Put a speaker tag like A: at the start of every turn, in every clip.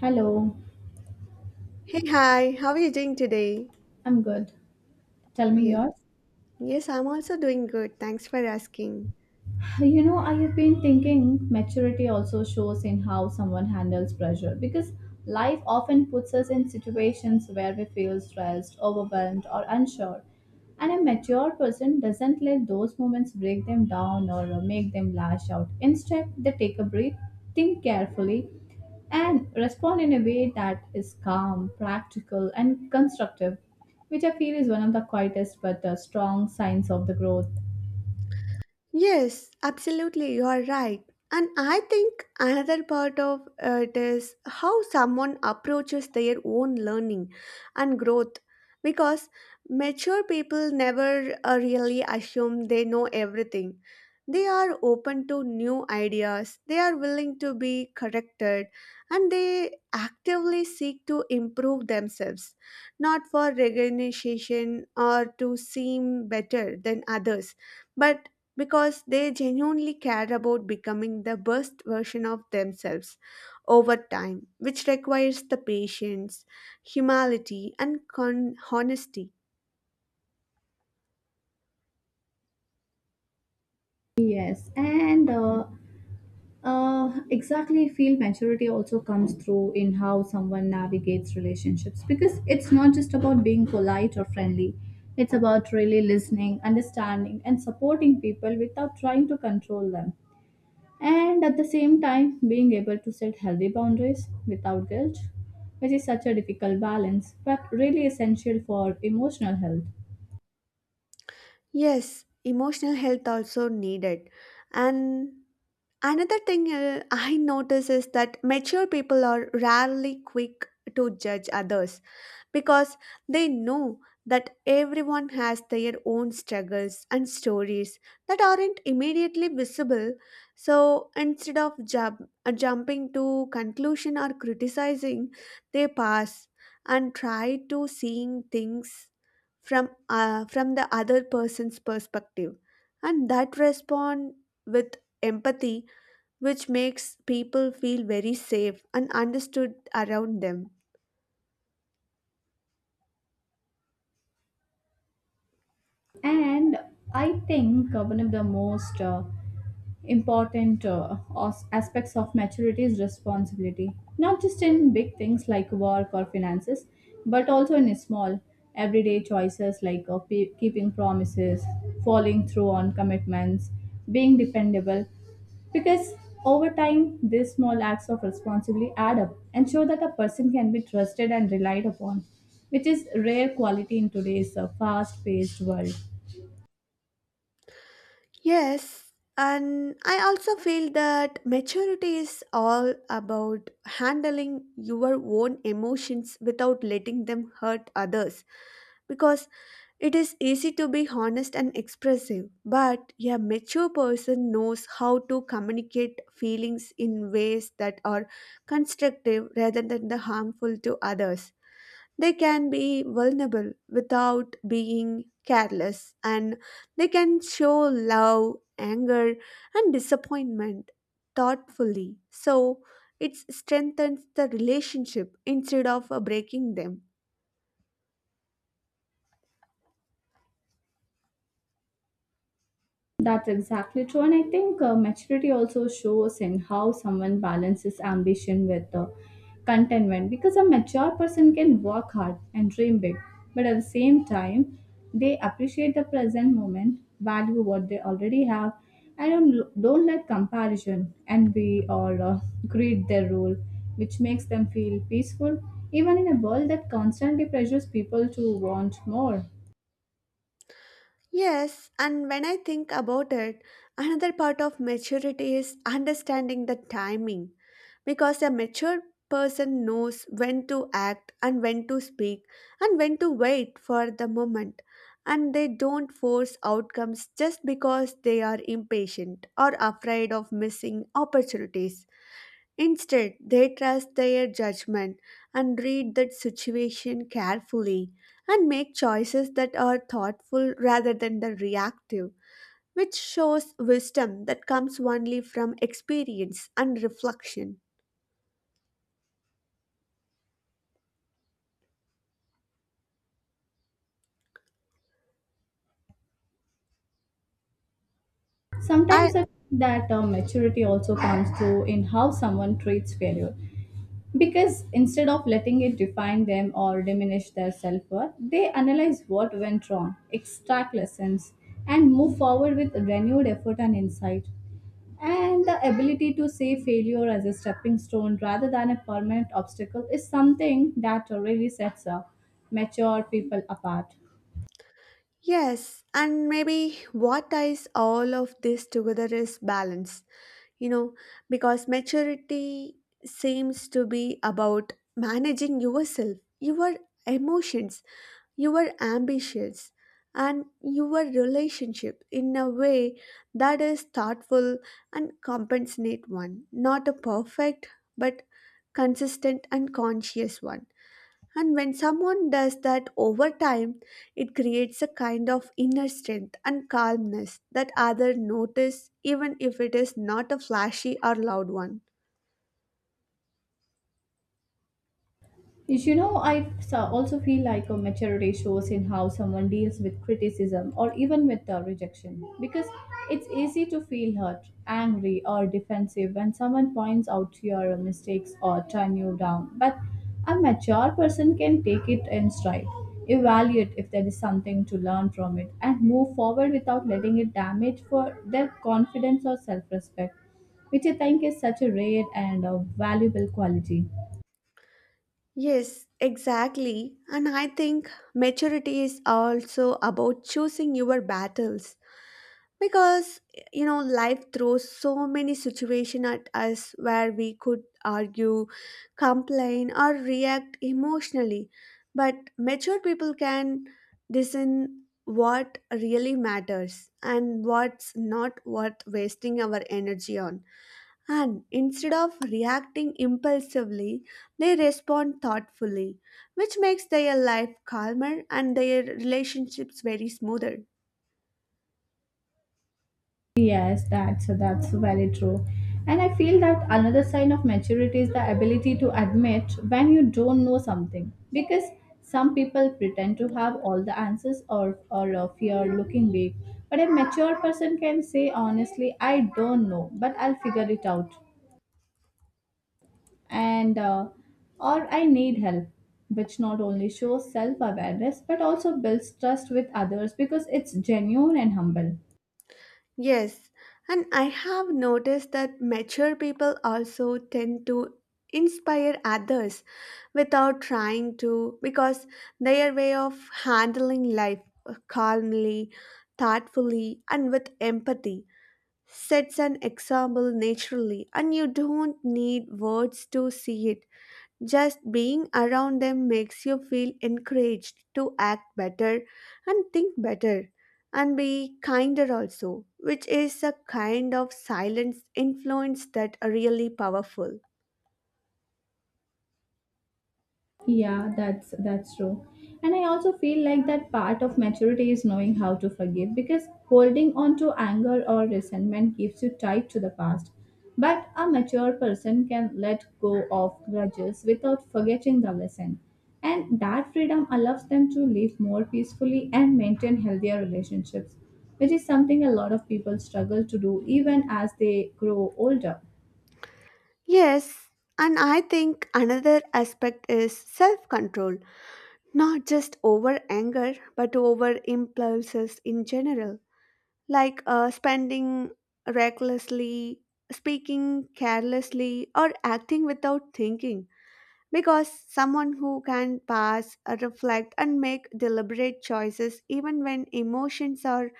A: Hello,
B: Hey, hi, how are you doing today?
A: I'm good. Tell me
B: Yes,
A: yours.
B: yes, I'm also doing good. Thanks for asking.
A: I have been thinking maturity also shows in how someone handles pressure because life often puts us in situations where we feel stressed, overwhelmed, or unsure. And a mature person doesn't let those moments break them down or make them lash out. Instead, they take a breath, think carefully, and respond in a way that is calm, practical, and constructive, which I feel is one of the quietest but strong signs of the growth.
B: Yes, absolutely, you are right. And I think another part of it is how someone approaches their own learning and growth because mature people never really assume they know everything. They are open to new ideas, they are willing to be corrected, and they actively seek to improve themselves, not for recognition or to seem better than others, but because they genuinely care about becoming the best version of themselves over time, which requires the patience, humility, and honesty.
A: Yes, and exactly, feel maturity also comes through in how someone navigates relationships because it's not just about being polite or friendly. It's about really listening, understanding, and supporting people without trying to control them. And at the same time, being able to set healthy boundaries without guilt, which is such a difficult balance but really essential for emotional health.
B: Yes, emotional health also needed. And another thing I notice is that mature people are rarely quick to judge others because they know that everyone has their own struggles and stories that aren't immediately visible so instead of jumping to conclusion or criticizing they pass and try to seeing things from the other person's perspective and that respond with empathy, which makes people feel very safe and understood around them.
A: And I think one of the most important aspects of maturity is responsibility, not just in big things like work or finances, but also in small, everyday choices like keeping promises, following through on commitments, being dependable. Because over time, these small acts of responsibility add up and show that a person can be trusted and relied upon, which is rare quality in today's fast-paced world.
B: Yes, and I also feel that maturity is all about handling your own emotions without letting them hurt others. Because it is easy to be honest and expressive, but a mature person knows how to communicate feelings in ways that are constructive rather than the harmful to others. They can be vulnerable without being careless, and they can show love, anger, and disappointment thoughtfully. So it strengthens the relationship instead of breaking them.
A: That's exactly true. And I think maturity also shows in how someone balances ambition with contentment because a mature person can work hard and dream big, but at the same time, they appreciate the present moment, value what they already have, and don't let comparison, envy, or greed their rule, which makes them feel peaceful, even in a world that constantly pressures people to want more.
B: Yes, and when I think about it, another part of maturity is understanding the timing. Because a mature person knows when to act and when to speak and when to wait for the moment, and they don't force outcomes just because they are impatient or afraid of missing opportunities. Instead, they trust their judgment and read the situation carefully and make choices that are thoughtful rather than the reactive, which shows wisdom that comes only from experience and reflection. I
A: Sometimes I think that maturity also comes through in how someone treats failure. Because instead of letting it define them or diminish their self worth, they analyze what went wrong, extract lessons, and move forward with renewed effort and insight. And the ability to see failure as a stepping stone rather than a permanent obstacle is something that really sets mature people apart.
B: yes, and maybe what ties all of this together is balance, you know, because maturity seems to be about managing yourself, your emotions, your ambitions, and your relationship in a way that is thoughtful and compassionate one, not a perfect but consistent and conscious one. And when someone does that over time, it creates a kind of inner strength and calmness that others notice even if it is not a flashy or loud one.
A: You know, also feel like a maturity shows in how someone deals with criticism or even with rejection because it's easy to feel hurt, angry, or defensive when someone points out your mistakes or turn you down. But a mature person can take it in stride, evaluate if there is something to learn from it, and move forward without letting it damage for their confidence or self-respect, which I think is such a rare and valuable quality.
B: Yes, exactly. And I think maturity is also about choosing your battles because, you know, life throws so many situations at us where we could argue, complain, or react emotionally, but mature people can discern what really matters and what's not worth wasting our energy on. And instead of reacting impulsively, they respond thoughtfully, which makes their life calmer and their relationships very smoother.
A: Yes, that's very true. And I feel that another sign of maturity is the ability to admit when you don't know something. Because some people pretend to have all the answers or fear looking weak. But a mature person can say honestly, I don't know, but I'll figure it out. And Or I need help, which not only shows self-awareness but also builds trust with others because it's genuine and humble.
B: Yes, and I have noticed that mature people also tend to inspire others without trying to, because their way of handling life calmly, thoughtfully, and with empathy sets an example naturally, and you don't need words to see it. Just being around them makes you feel encouraged to act better and think better and be kinder also, which is a kind of silent influence that are really powerful.
A: Yeah, that's true. And I also feel like that part of maturity is knowing how to forgive because holding on to anger or resentment keeps you tied to the past. But a mature person can let go of grudges without forgetting the lesson. And that freedom allows them to live more peacefully and maintain healthier relationships, which is something a lot of people struggle to do even as they grow older.
B: Yes, and I think another aspect is self control, not just over anger, but over impulses in general, like spending recklessly, speaking carelessly, or acting without thinking, because someone who can reflect, and make deliberate choices even when emotions or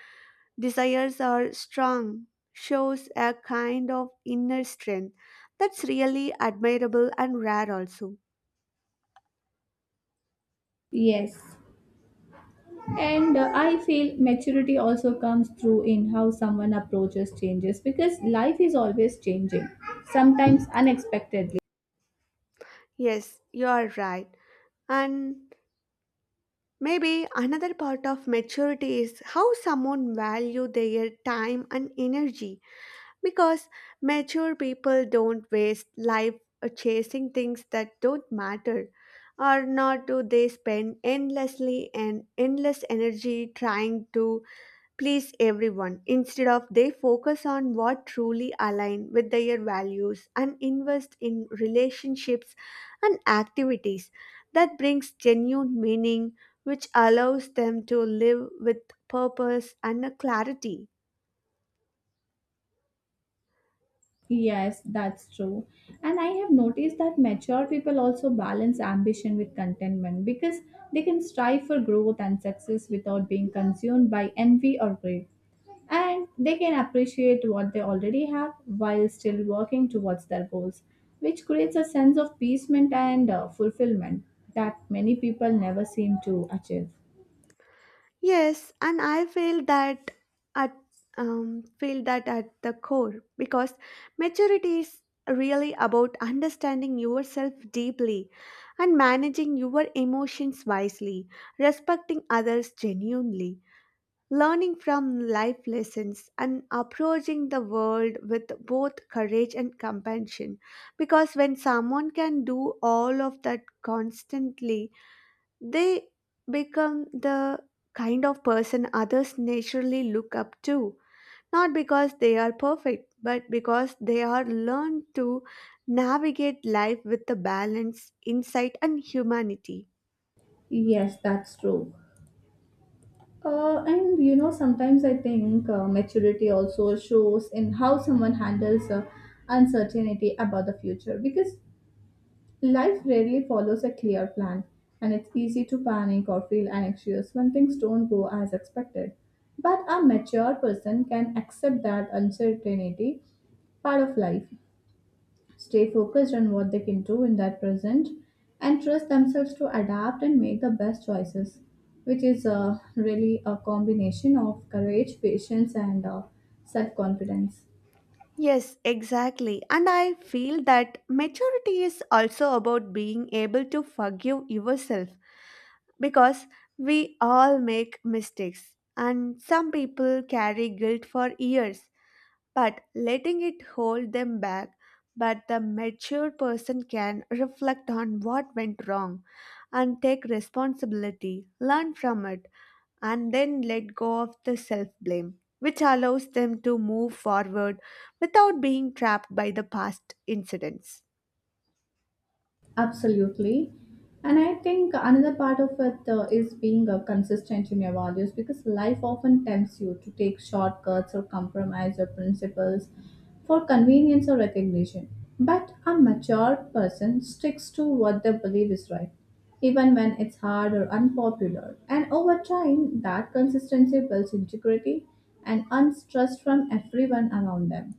B: desires are strong shows a kind of inner strength that's really admirable and rare, also.
A: Yes, And I feel maturity also comes through in how someone approaches changes because life is always changing, sometimes unexpectedly.
B: Yes, you are right. And maybe another part of maturity is how someone value their time and energy. Because mature people don't waste life chasing things that don't matter, or nor do they spend endlessly and endless energy trying to please everyone. Instead of they focus on what truly align with their values and invest in relationships and activities that brings genuine meaning, which allows them to live with purpose and a clarity.
A: Yes, that's true. And I have noticed that mature people also balance ambition with contentment because they can strive for growth and success without being consumed by envy or greed. And they can appreciate what they already have while still working towards their goals, which creates a sense of peacement and fulfillment that many people never seem to achieve.
B: Yes, and I feel that at at the core, because maturity is really about understanding yourself deeply and managing your emotions wisely, respecting others genuinely, learning from life lessons, and approaching the world with both courage and compassion. Because when someone can do all of that constantly, they become the kind of person others naturally look up to, not because they are perfect, but because they are learned to navigate life with the balance, insight, and humanity.
A: Yes, that's true. And you know, sometimes I think maturity also shows in how someone handles uncertainty about the future because life rarely follows a clear plan, and it's easy to panic or feel anxious when things don't go as expected. But a mature person can accept that uncertainty part of life, stay focused on what they can do in that present, and trust themselves to adapt and make the best choices, which is really a combination of courage, patience, and self confidence.
B: Yes, exactly. And I feel that maturity is also about being able to forgive yourself, because we all make mistakes, and some people carry guilt for years but letting it hold them back. But the mature person can reflect on what went wrong and take responsibility, learn from it, and then let go of the self blame, which allows them to move forward without being trapped by the past incidents.
A: Absolutely. And I think another part of it is being consistent in your values because life often tempts you to take shortcuts or compromise your principles for convenience or recognition. But a mature person sticks to what they believe is right, even when it's hard or unpopular. And over time, that consistency builds integrity and unstrust from everyone around them.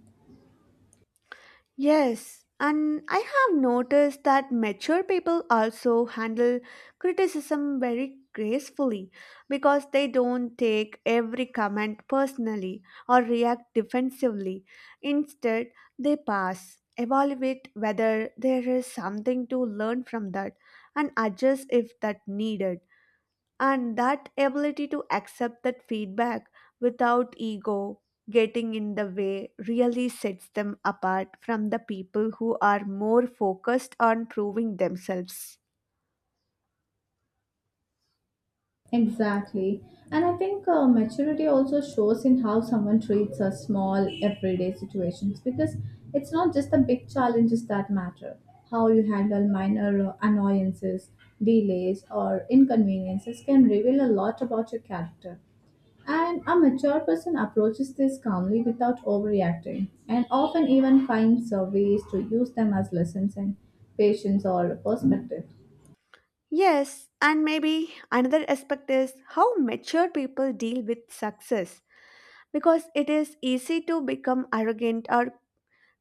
B: Yes, and I have noticed that mature people also handle criticism very gracefully because they don't take every comment personally or react defensively. Instead, they pass, evaluate whether there is something to learn from that, and adjust if that needed. And that ability to accept that feedback without ego getting in the way really sets them apart from the people who are more focused on proving themselves.
A: Exactly. And I think maturity also shows in how someone treats a small everyday situations because it's not just the big challenges that matter. How you handle minor annoyances, delays, or inconveniences can reveal a lot about your character. And a mature person approaches this calmly without overreacting and often even finds ways to use them as lessons in patience or perspective.
B: Yes, and maybe another aspect is how mature people deal with success, because it is easy to become arrogant or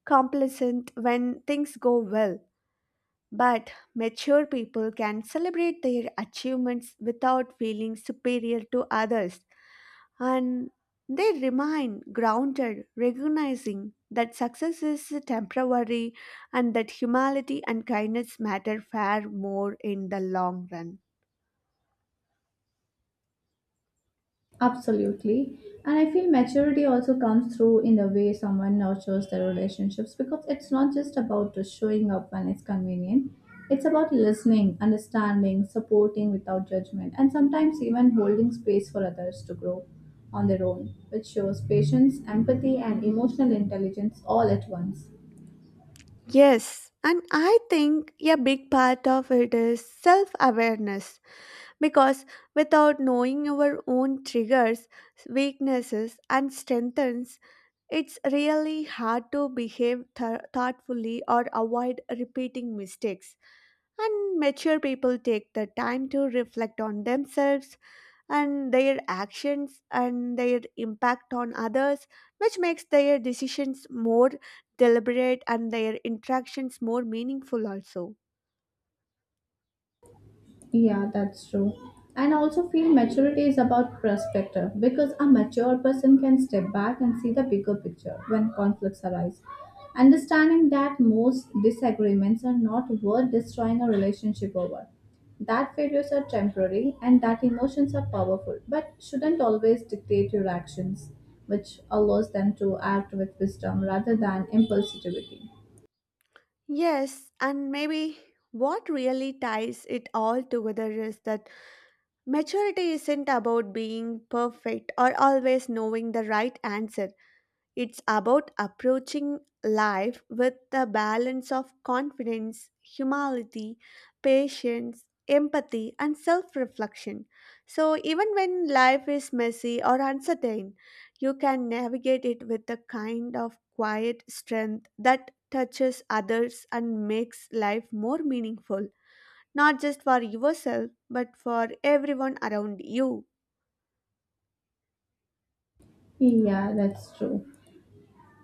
B: complacent when things go well. But mature people can celebrate their achievements without feeling superior to others, and they remain grounded, recognizing that success is temporary and that humility and kindness matter far more in the long run.
A: Absolutely. And I feel maturity also comes through in the way someone nurtures their relationships because it's not just about just showing up when it's convenient. It's about listening, understanding, supporting without judgment, and sometimes even holding space for others to grow on their own, which shows patience, empathy, and emotional intelligence all at once.
B: Yes, and I think a big part of it is self awareness, because without knowing our own triggers, weaknesses, and strengths, it's really hard to behave thoughtfully or avoid repeating mistakes. And mature people take the time to reflect on themselves and their actions and their impact on others, which makes their decisions more deliberate and their interactions more meaningful, also.
A: Yeah, that's true. And I also feel maturity is about perspective because a mature person can step back and see the bigger picture when conflicts arise. Understanding that most disagreements are not worth destroying a relationship over. That failures are temporary and that emotions are powerful, but shouldn't always dictate your actions, which allows them to act with wisdom rather than impulsivity.
B: Yes, and maybe what really ties it all together is that maturity isn't about being perfect or always knowing the right answer. It's about approaching life with the balance of confidence, humility, patience, empathy, and self reflection. So, even when life is messy or uncertain, you can navigate it with a kind of quiet strength that touches others and makes life more meaningful, not just for yourself, but for everyone around you.
A: Yeah, that's true.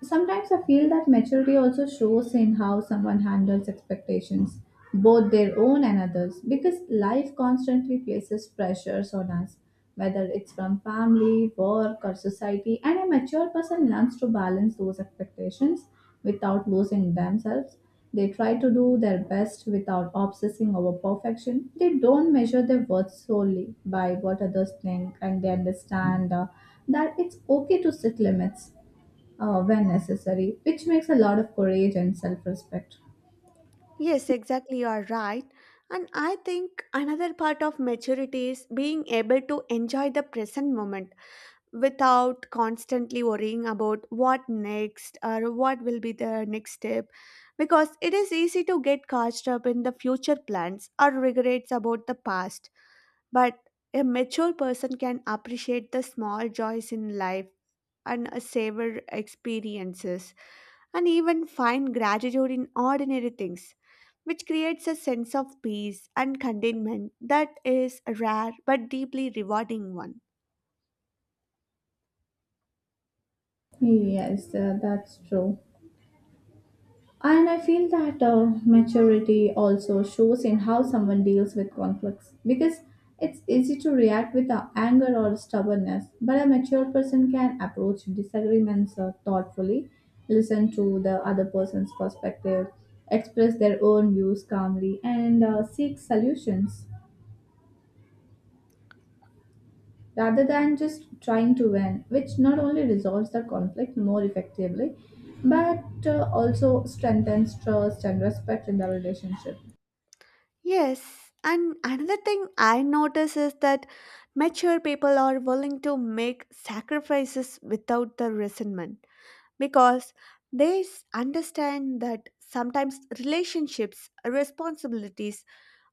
A: Sometimes I feel that maturity also shows in how someone handles expectations, both their own and others, because life constantly places pressures on us, whether it's from family, work, or society, and a mature person learns to balance those expectations without losing themselves. They try to do their best without obsessing over perfection. They don't measure their worth solely by what others think, and they understand that it's okay to set limits when necessary, which makes a lot of courage and self respect.
B: Yes, exactly. You are right. And I think another part of maturity is being able to enjoy the present moment without constantly worrying about what next or what will be the next step. Because it is easy to get caught up in the future plans or regrets about the past. But a mature person can appreciate the small joys in life and savor experiences and even find gratitude in ordinary things, which creates a sense of peace and contentment that is a rare but deeply rewarding one.
A: Yes, that's true. And I feel that maturity also shows in how someone deals with conflicts because it's easy to react with anger or stubbornness, but a mature person can approach disagreements thoughtfully, listen to the other person's perspective, express their own views calmly, and seek solutions, rather than just trying to win, which not only resolves the conflict more effectively but also strengthens trust and respect in the relationship.
B: Yes, and another thing I notice is that mature people are willing to make sacrifices without the resentment because they understand that sometimes relationships, responsibilities,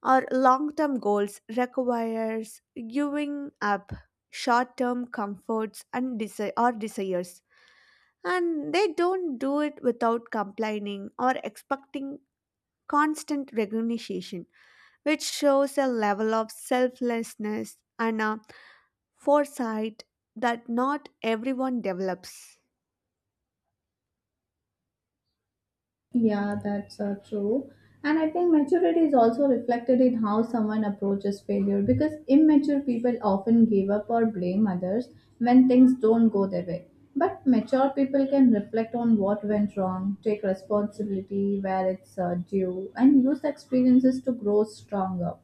B: our long-term goals requires giving up short-term comforts and desi- or desires, and they don't do it without complaining or expecting constant recognition, which shows a level of selflessness and a foresight that not everyone develops.
A: Yeah, that's true. And I think maturity is also reflected in how someone approaches failure because immature people often give up or blame others when things don't go their way. But mature people can reflect on what went wrong, take responsibility where it's due, and use the experiences to grow stronger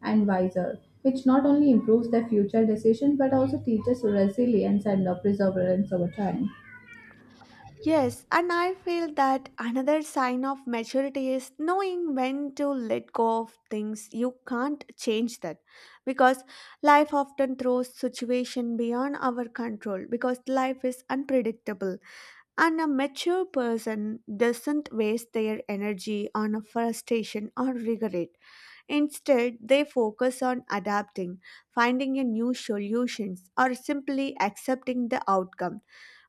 A: and wiser, which not only improves their future decisions but also teaches resilience and perseverance over time.
B: Yes, and I feel that another sign of maturity is knowing when to let go of things you can't change that, because life often throws situation beyond our control, because life is unpredictable, and a mature person doesn't waste their energy on a frustration or regret. Instead they focus on adapting, finding a new solutions, or simply accepting the outcome,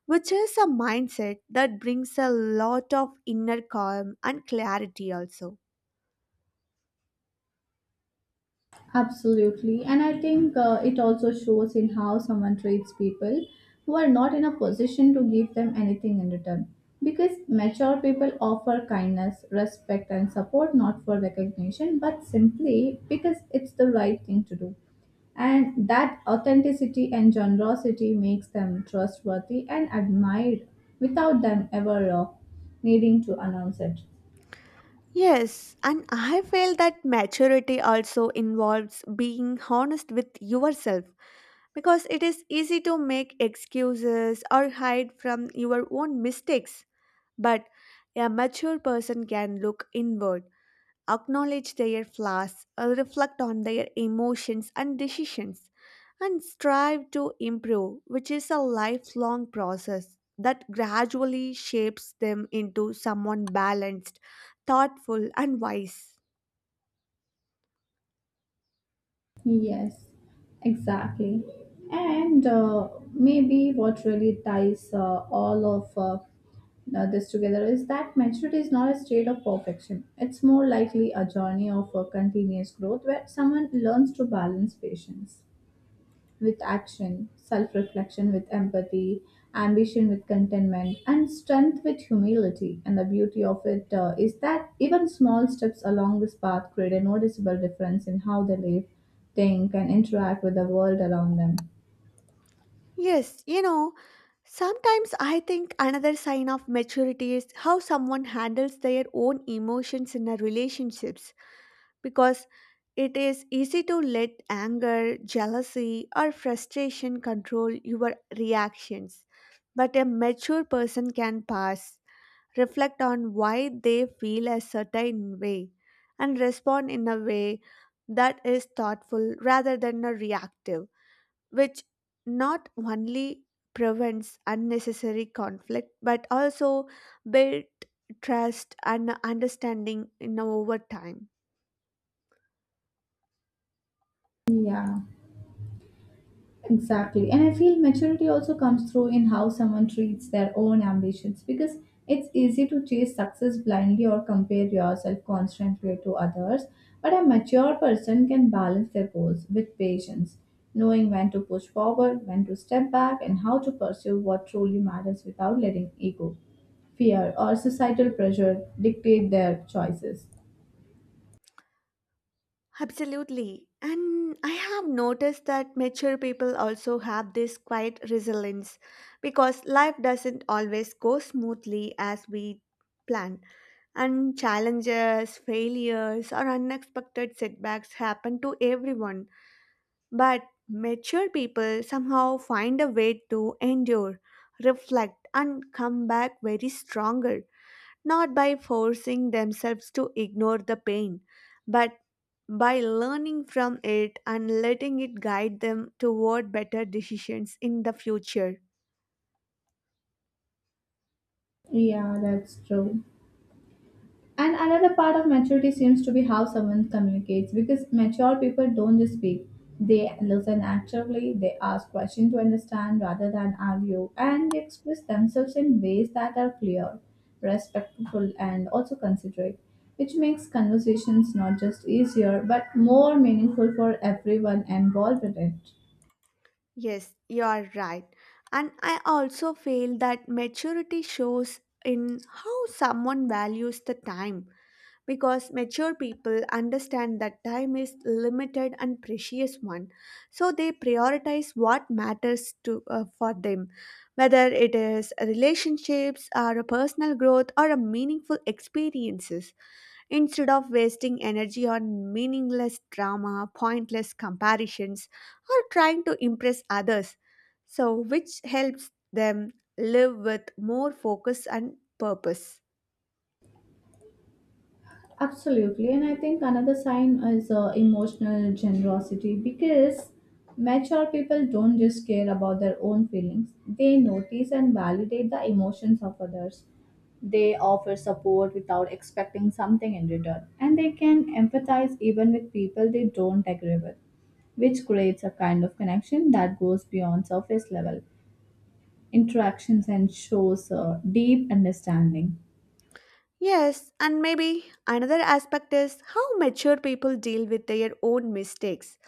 B: which is a mindset that brings a lot of inner calm and clarity also.
A: Absolutely. And I think it also shows in how someone treats people who are not in a position to give them anything in return. Because mature people offer kindness, respect, and support not for recognition, but simply because it's the right thing to do. And that authenticity and generosity makes them trustworthy and admired without them ever needing to announce it.
B: Yes, and I feel that maturity also involves being honest with yourself, because it is easy to make excuses or hide from your own mistakes. But a mature person can look inward, acknowledge their flaws, reflect on their emotions and decisions, and strive to improve, which is a lifelong process that gradually shapes them into someone balanced, thoughtful, and wise.
A: Yes, exactly. And maybe what really ties all of this together is that maturity is not a state of perfection. It's more likely a journey of continuous growth where someone learns to balance patience with action, self reflection with empathy, ambition with contentment, and strength with humility. And the beauty of it is that even small steps along this path create a noticeable difference in how they live, think, and interact with the world around them.
B: Yes, you know, sometimes I think another sign of maturity is how someone handles their own emotions in their relationships, because it is easy to let anger, jealousy, or frustration control your reactions. But a mature person can pause, reflect on why they feel a certain way, and respond in a way that is thoughtful rather than a reactive, which not only prevents unnecessary conflict but also build trust and understanding in over time.
A: Yeah. Exactly. And I feel maturity also comes through in how someone treats their own ambitions because it's easy to chase success blindly or compare yourself constantly to others. But a mature person can balance their goals with patience, knowing when to push forward, when to step back, and how to pursue what truly matters without letting ego, fear, or societal pressure dictate their choices.
B: Absolutely. And I have noticed that mature people also have this quiet resilience, because life doesn't always go smoothly as we plan. And challenges, failures, or unexpected setbacks happen to everyone. But mature people somehow find a way to endure, reflect, and come back very stronger, not by forcing themselves to ignore the pain, but by learning from it and letting it guide them toward better decisions in the future.
A: Yeah, that's true. And another part of maturity seems to be how someone communicates because mature people don't just speak. They listen actively, they ask questions to understand rather than argue, and they express themselves in ways that are clear, respectful, and also considerate, which makes conversations not just easier but more meaningful for everyone involved in it.
B: Yes, you are right. And I also feel that maturity shows in how someone values the time because mature people understand that time is limited and precious one, so they prioritize what matters to for them, whether it is relationships or a personal growth or a meaningful experiences. Instead of wasting energy on meaningless drama, pointless comparisons, or trying to impress others, so which helps them live with more focus and purpose.
A: Absolutely. And I think another sign is emotional generosity because mature people don't just care about their own feelings, they notice and validate the emotions of others. They offer support without expecting something in return, and they can empathize even with people they don't agree with, which creates a kind of connection that goes beyond surface level interactions and shows deep understanding.
B: Yes, and maybe another aspect is how mature people deal with their own mistakes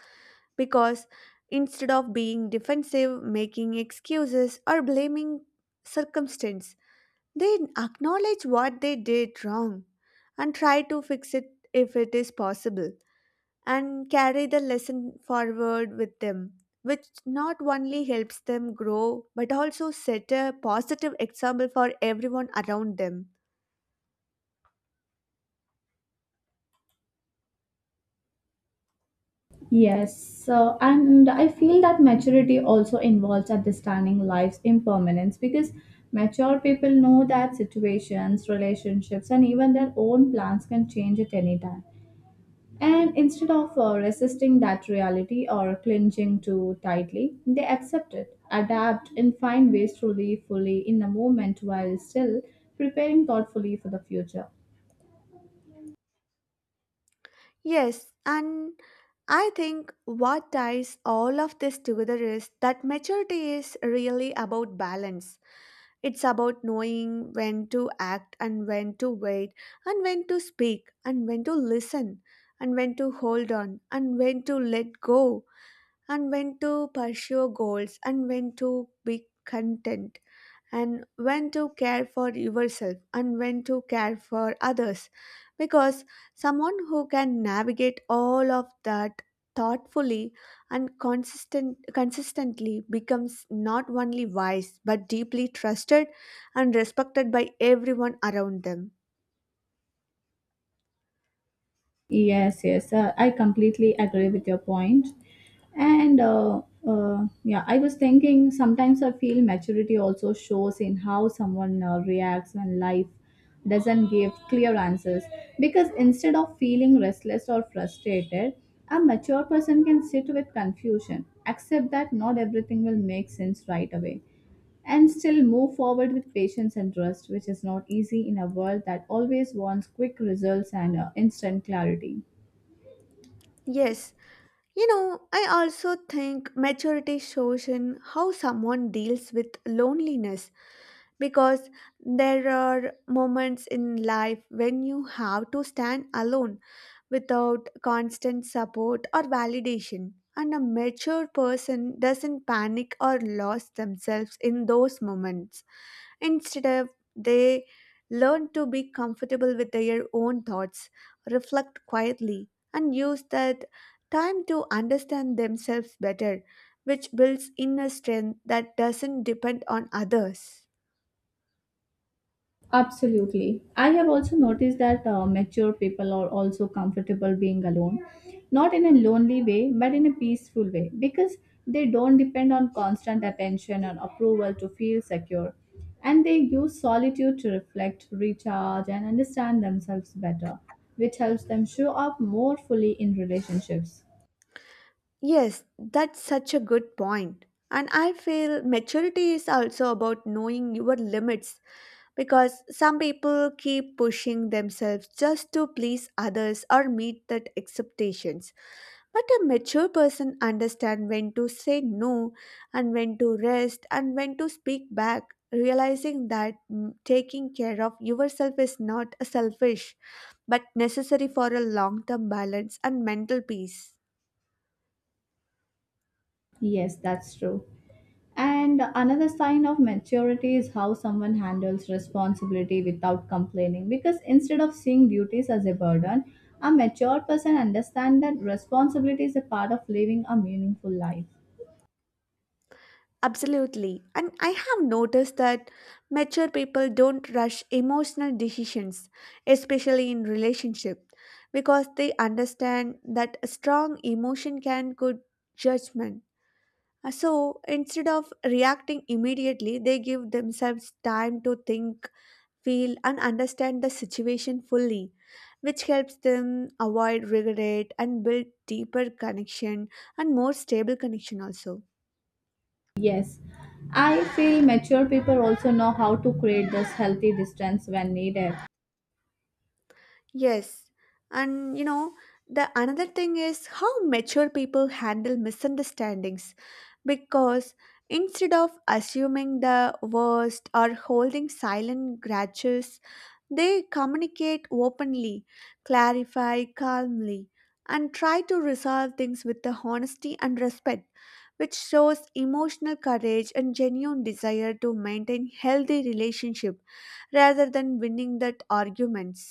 B: because instead of being defensive, making excuses, or blaming circumstance, they acknowledge what they did wrong and try to fix it if it is possible, and carry the lesson forward with them, which not only helps them grow but also set a positive example for everyone around them.
A: Yes, so and I feel that maturity also involves understanding life's impermanence because mature people know that situations, relationships, and even their own plans can change at any time. And instead of resisting that reality or clinging too tightly, they accept it, adapt, and find ways to live fully in the moment while still preparing thoughtfully for the future.
B: Yes, and I think what ties all of this together is that maturity is really about balance. It's about knowing when to act and when to wait, and when to speak, and when to listen, and when to hold on, and when to let go, and when to pursue goals, and when to be content, and when to care for yourself and when to care for others. Because someone who can navigate all of that thoughtfully and consistently becomes not only wise but deeply trusted and respected by everyone around them.
A: Yes, yes, I completely agree with your point. And yeah, I was thinking sometimes I feel maturity also shows in how someone reacts when life doesn't give clear answers. Because instead of feeling restless or frustrated, a mature person can sit with confusion, accept that not everything will make sense right away, and still move forward with patience and trust, which is not easy in a world that always wants quick results and instant clarity.
B: Yes. You know, I also think maturity shows in how someone deals with loneliness because there are moments in life when you have to stand alone without constant support or validation. And a mature person doesn't panic or lose themselves in those moments. Instead of they learn to be comfortable with their own thoughts, reflect quietly, and use that time to understand themselves better, which builds inner strength that doesn't depend on others.
A: Absolutely. I have also noticed that mature people are also comfortable being alone, not in a lonely way, but in a peaceful way, because they don't depend on constant attention and approval to feel secure. And they use solitude to reflect, recharge, and understand themselves better, which helps them show up more fully in relationships.
B: Yes, that's such a good point. And I feel maturity is also about knowing your limits because some people keep pushing themselves just to please others or meet that expectations. But a mature person understands when to say no, and when to rest, and when to speak back, realizing that taking care of yourself is not selfish but necessary for a long term balance and mental peace.
A: Yes, that's true. And another sign of maturity is how someone handles responsibility without complaining. Because instead of seeing duties as a burden, a mature person understands that responsibility is a part of living a meaningful life.
B: Absolutely. And I have noticed that mature people don't rush emotional decisions, especially in relationship, because they understand that a strong emotion can good judgment. So instead of reacting immediately, they give themselves time to think, feel, and understand the situation fully, which helps them avoid regret and build deeper connection and more stable connection also.
A: Yes, I feel mature people also know how to create this healthy distance when needed,
B: Yes, and you know, the another thing is how mature people handle misunderstandings because instead of assuming the worst or holding silent grudges, they communicate openly, clarify calmly, and try to resolve things with the honesty and respect, which shows emotional courage and genuine desire to maintain healthy relationship rather than winning that arguments.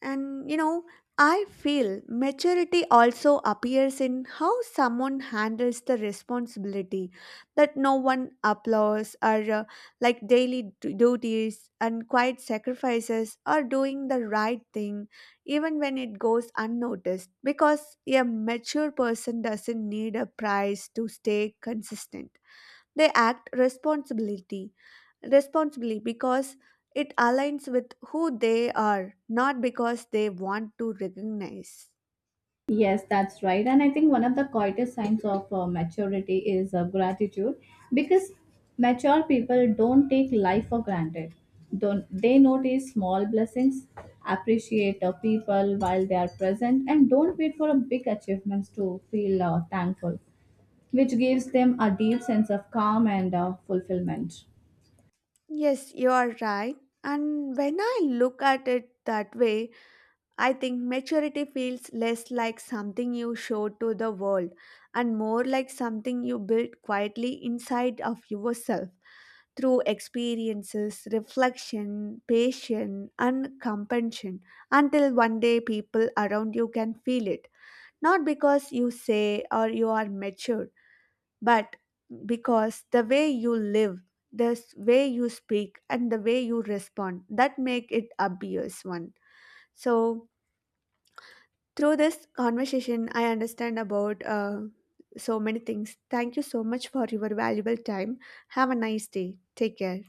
B: And you know, I feel maturity also appears in how someone handles the responsibility that no one applauds or like duties and quiet sacrifices or doing the right thing even when it goes unnoticed, because a mature person doesn't need a prize to stay consistent. They act responsibility responsibly because it aligns with who they are, not because they want to recognize.
A: yes, that's right. And I think one of the quietest signs of maturity is gratitude because mature people don't take life for granted. Don't, They notice small blessings, appreciate people while they are present, and don't wait for a big achievements to feel thankful, which gives them a deep sense of calm and fulfillment.
B: Yes, you are right. And when I look at it that way, I think maturity feels less like something you show to the world and more like something you build quietly inside of yourself through experiences, reflection, patience, and compassion until one day people around you can feel it. Not because you say or you are mature, but because the way you live, the way you speak, and the way you respond that make it obvious one. So through this conversation, I understand about so many things. Thank you so much for your valuable time. Have a nice day. Take care.